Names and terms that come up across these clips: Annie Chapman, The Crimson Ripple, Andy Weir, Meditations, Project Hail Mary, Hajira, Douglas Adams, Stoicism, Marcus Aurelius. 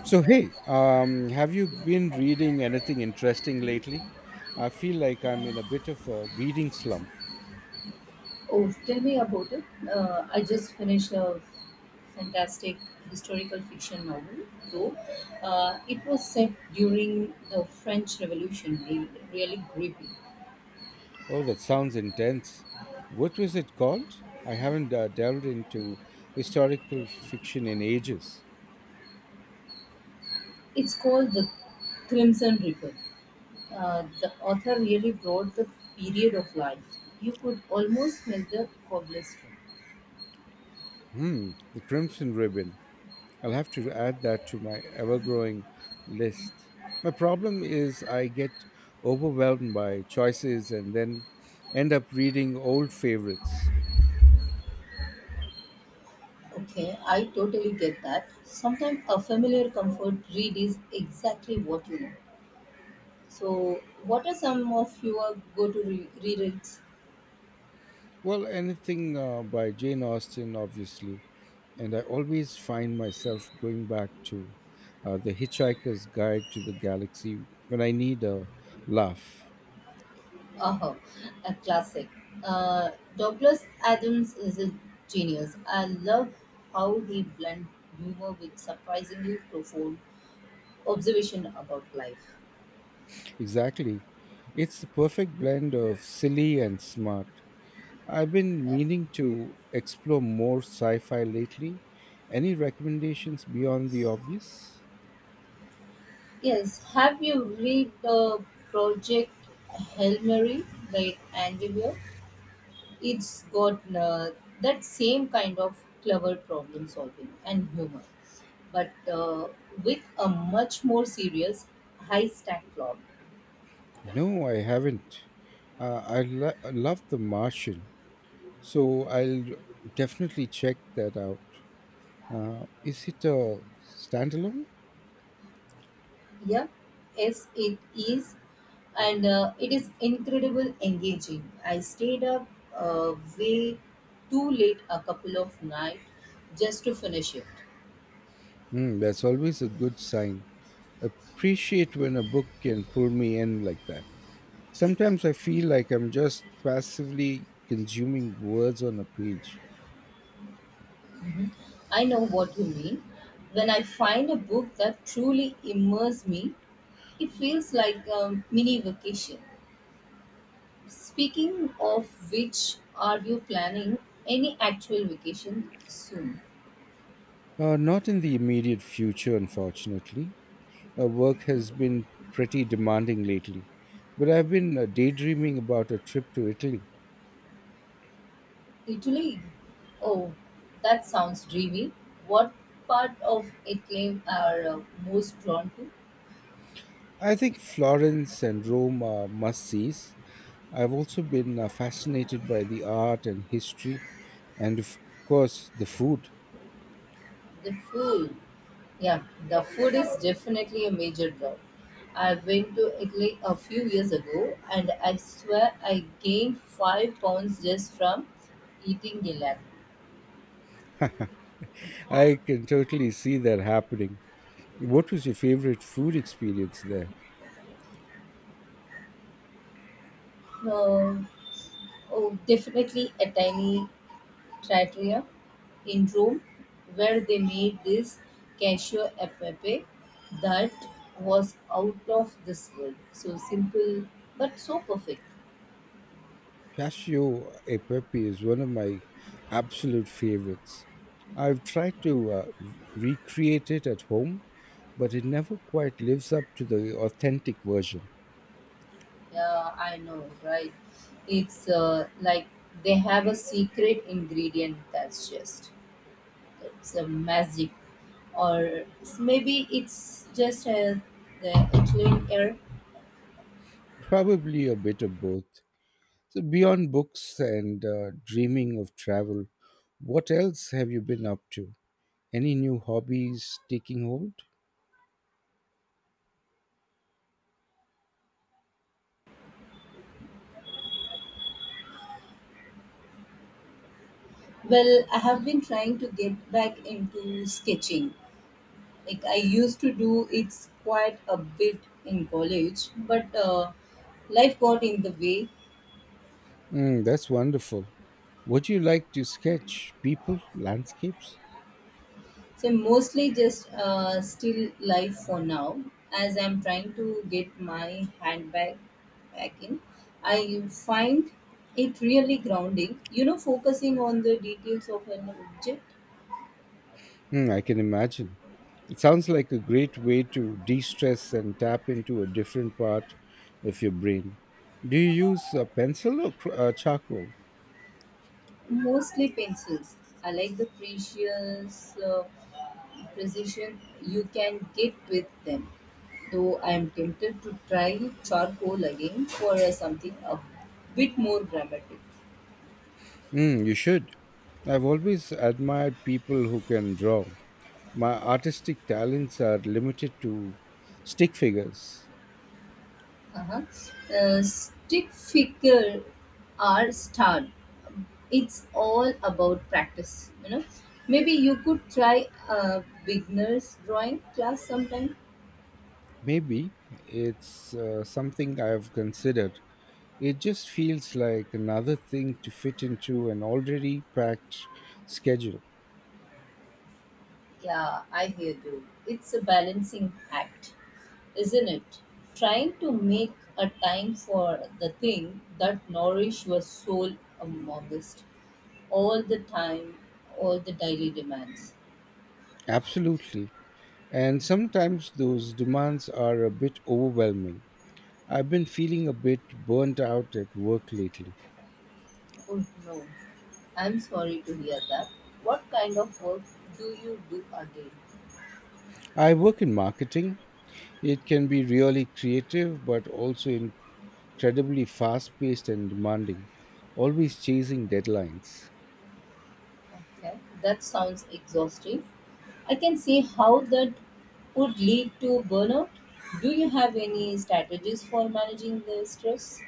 So hey, have you been reading anything interesting lately? I feel like I'm in a bit of a reading slump. Oh, tell me about it. I just finished a fantastic historical fiction novel, though. It was set during the French Revolution, really grippy. Oh, that sounds intense. What was it called? I haven't delved into historical fiction in ages. It's called The Crimson Ripple. The author really brought the period of life. You could almost smell the cobblestone. Hmm, The Crimson Ribbon. I'll have to add that to my ever-growing list. My problem is I get overwhelmed by choices and then end up reading old favorites. Okay, I totally get that. Sometimes a familiar comfort read is exactly what you know. So, what are some of your go-to rereads? Well, anything by Jane Austen, obviously. And I always find myself going back to The Hitchhiker's Guide to the Galaxy when I need a laugh. Uh-huh, a classic. Uh, Douglas Adams is a genius. I love how he blends humor with surprisingly profound observation about life. Exactly. It's the perfect blend of silly and smart. I've been Yeah. meaning to explore more sci fi lately. Any recommendations beyond the obvious? Yes, have you read the Project Hail Mary by Andy Weir? It's got that same kind of clever problem solving and humor, but with a much more serious, high stack plot. No, I haven't. I love The Martian. So I'll definitely check that out. Is it a standalone? Yeah, yes, it is, and it is incredible engaging. I stayed up way too late a couple of nights just to finish it. Hmm, that's always a good sign. Appreciate when a book can pull me in like that. Sometimes I feel like I'm just passively consuming words on a page. I know what you mean. When I find a book that truly immerses me, it feels like a mini vacation. Speaking of which, are you planning any actual vacation soon? Not in the immediate future, unfortunately. Work has been pretty demanding lately, but I've been daydreaming about a trip to Italy. Italy? Oh, that sounds dreamy. What part of Italy are most drawn to? I think Florence and Rome are must sees. I've also been fascinated by the art and history, and of course, the food. The food. Yeah, the food is definitely a major draw. I went to Italy a few years ago and I swear I gained 5 pounds just from eating gelato. I can totally see that happening. What was your favorite food experience there? No, oh, definitely a tiny Trattoria in Rome, where they made this cacio e pepe that was out of this world. So simple, but so perfect. Casio e pepe is one of my absolute favorites. I've tried to recreate it at home, but it never quite lives up to the authentic version. Yeah, I know, right? It's like they have a secret ingredient that's just it's a magic, or maybe it's just the Italian air. Probably a bit of both. So, beyond books and dreaming of travel, what else have you been up to? Any new hobbies taking hold? Well, I have been trying to get back into sketching, like I used to do. It's quite a bit in college, but life got in the way. Mm, that's wonderful. Would you like to sketch people, landscapes? So I'm mostly just still life for now, as I'm trying to get my handbag back in. I find it really grounding, you know, focusing on the details of an object. Mm, I can imagine. It sounds like a great way to de stress and tap into a different part of your brain. Do you use a pencil or charcoal? Mostly pencils. I like the precious precision you can get with them, though I am tempted to try charcoal again for something a bit more dramatic. Mm, you should. I've always admired people who can draw. My artistic talents are limited to stick figures. Uh-huh. Stick figure are starred. It's all about practice, you know. Maybe you could try a beginner's drawing class sometime. Maybe it's something I've considered. It just feels like another thing to fit into an already packed schedule. Yeah, I hear you. It's a balancing act, isn't it? Trying to make a time for the thing that nourish your soul amongst all the time, all the daily demands. Absolutely. And sometimes those demands are a bit overwhelming. I've been feeling a bit burnt out at work lately. Oh no, I'm sorry to hear that. What kind of work do you do again? I work in marketing. It can be really creative, but also incredibly fast paced and demanding, always chasing deadlines. Okay, that sounds exhausting. I can see how that would lead to burnout. Do you have any strategies for managing the stress?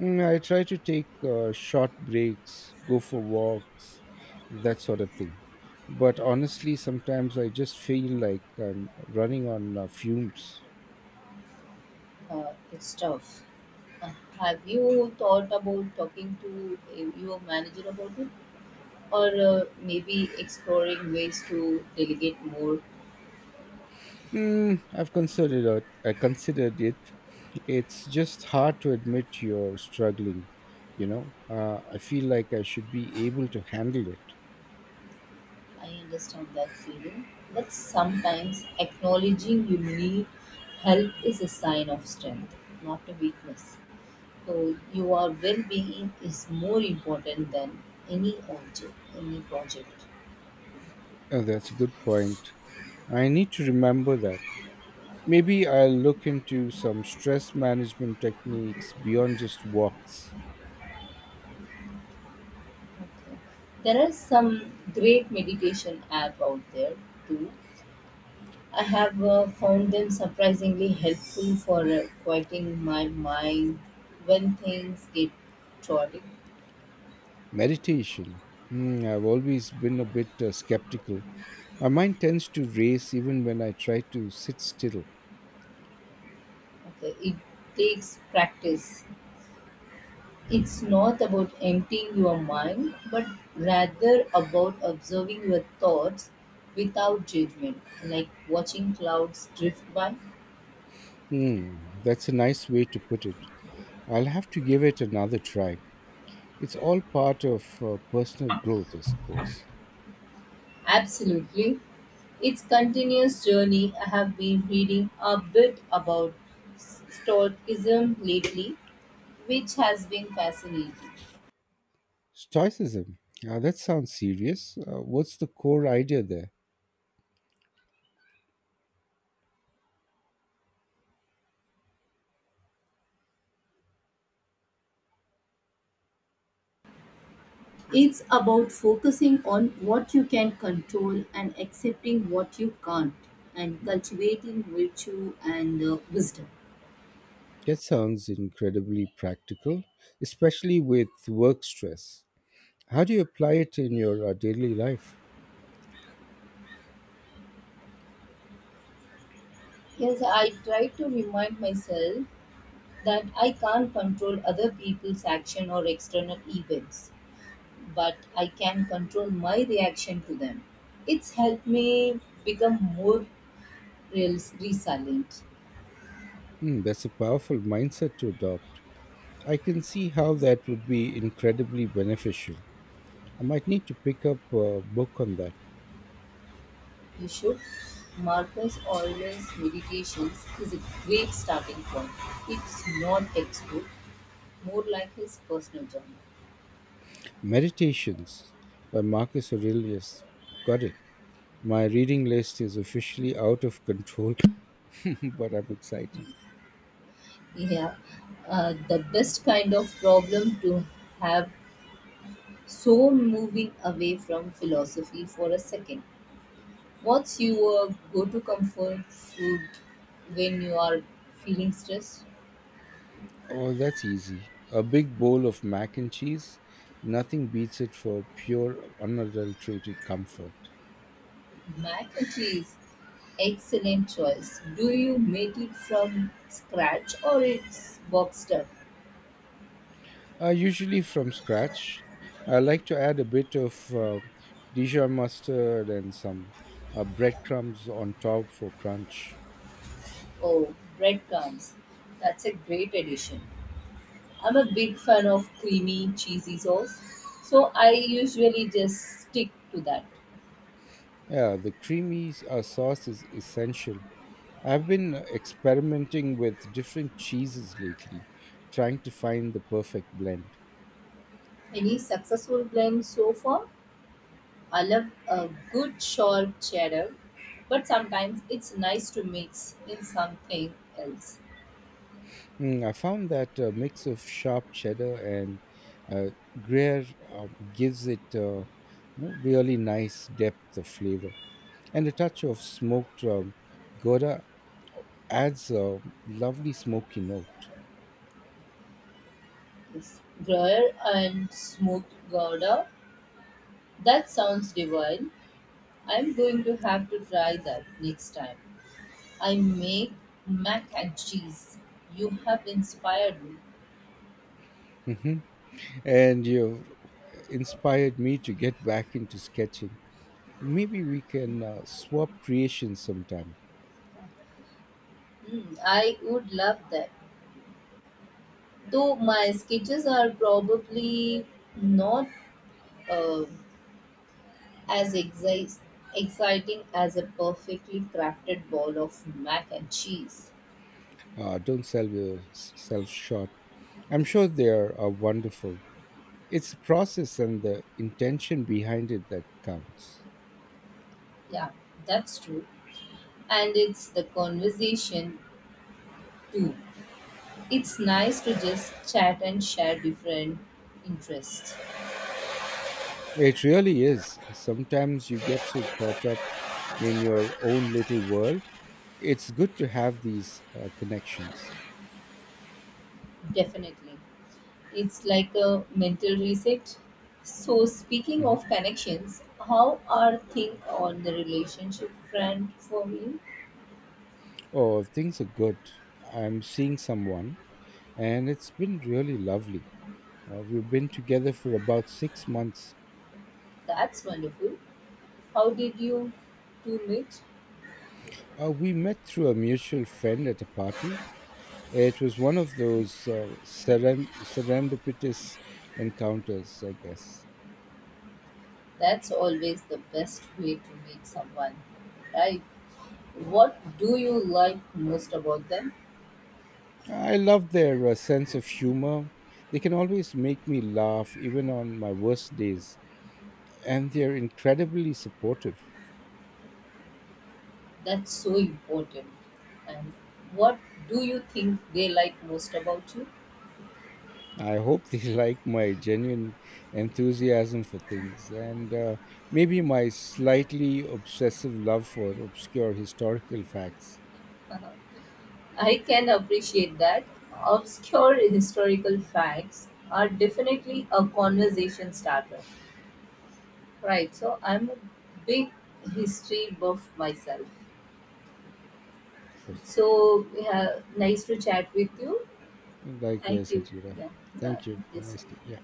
Mm, I try to take short breaks, go for walks, that sort of thing. But honestly, sometimes I just feel like I'm running on fumes. It's tough. Uh, have you thought about talking to your manager about it? Or maybe exploring ways to delegate more? Mm, I've considered it. I considered it. It's just hard to admit you're struggling. You know, I feel like I should be able to handle it. I understand that feeling, but sometimes acknowledging you need help is a sign of strength, not a weakness. So your well being is more important than any object, any project. Oh, that's a good point. I need to remember that. Maybe I'll look into some stress management techniques beyond just walks. Okay. There are some great meditation app out there too. I have found them surprisingly helpful for quieting my mind when things get chaotic. Meditation. Hmm, I've always been a bit skeptical. My mind tends to race even when I try to sit still. Okay, it takes practice. It's not about emptying your mind, but rather about observing your thoughts without judgment, like watching clouds drift by. Hmm, that's a nice way to put it. I'll have to give it another try. It's all part of personal growth, I suppose. Absolutely. It's continuous journey. I have been reading a bit about Stoicism lately, which has been fascinating. Stoicism. That sounds serious. What's the core idea there? It's about focusing on what you can control and accepting what you can't, and cultivating virtue and wisdom. That sounds incredibly practical, especially with work stress. How do you apply it in your daily life? Yes, I try to remind myself that I can't control other people's action or external events, but I can control my reaction to them. It's helped me become more resilient. Hmm, that's a powerful mindset to adopt. I can see how that would be incredibly beneficial. I might need to pick up a book on that. You should. Marcus Aurelius' Meditations is a great starting point. It's not textbook, more like his personal journey. Meditations by Marcus Aurelius. Got it. My reading list is officially out of control, but I'm excited. Yeah, the best kind of problem to have. So moving away from philosophy for a second, what's your go-to comfort food when you are feeling stressed? Oh, that's easy. A big bowl of mac and cheese. Nothing beats it for pure, unadulterated comfort. Mac and cheese, excellent choice. Do you make it from scratch or it's boxed up? Usually from scratch. I like to add a bit of Dijon mustard and some breadcrumbs on top for crunch. Oh, breadcrumbs. That's a great addition. I'm a big fan of creamy, cheesy sauce, so I usually just stick to that. Yeah, the creamy sauce is essential. I've been experimenting with different cheeses lately, trying to find the perfect blend. Any successful blends so far? I love a good sharp cheddar, but sometimes it's nice to mix in something else. Mm, I found that a mix of sharp cheddar and uh, Gruyere gives it a really nice depth of flavor, and a touch of smoked gouda adds a lovely smoky note. Yes. Gruyere and smoked gouda. That sounds divine. I'm going to have to try that next time I make mac and cheese. You have inspired me. Mhm. And you've inspired me to get back into sketching. Maybe we can swap creations sometime. Hmm, I would love that. Though my sketches are probably not uh, as exciting as a perfectly crafted ball of mac and cheese. Don't sell yourself short. I'm sure they are wonderful. It's the process and the intention behind it that counts. Yeah, that's true. And it's the conversation too. It's nice to just chat and share different interests. It really is. Sometimes you get so caught up in your own little world. It's good to have these connections. Definitely. It's like a mental reset. So, speaking Hmm. of connections, how are things on the relationship front for you? Oh, things are good. I'm seeing someone, and it's been really lovely. We've been together for about six months. That's wonderful. How did you two meet? We met through a mutual friend at a party. It was one of those serendipitous encounters, I guess. That's always the best way to meet someone, right? What do you like most about them? I love their sense of humor. They can always make me laugh, even on my worst days, and they're incredibly supportive. That's so important. And what do you think they like most about you? I hope they like my genuine enthusiasm for things and maybe my slightly obsessive love for obscure historical facts. I can appreciate that. Obscure historical facts are definitely a conversation starter. Right, so I'm a big history buff myself. Perfect. So, yeah, nice to chat with you. Thank Likewise, you. Hajira. Yeah, bye. Thank you. Have a Yes. nice day. Yeah.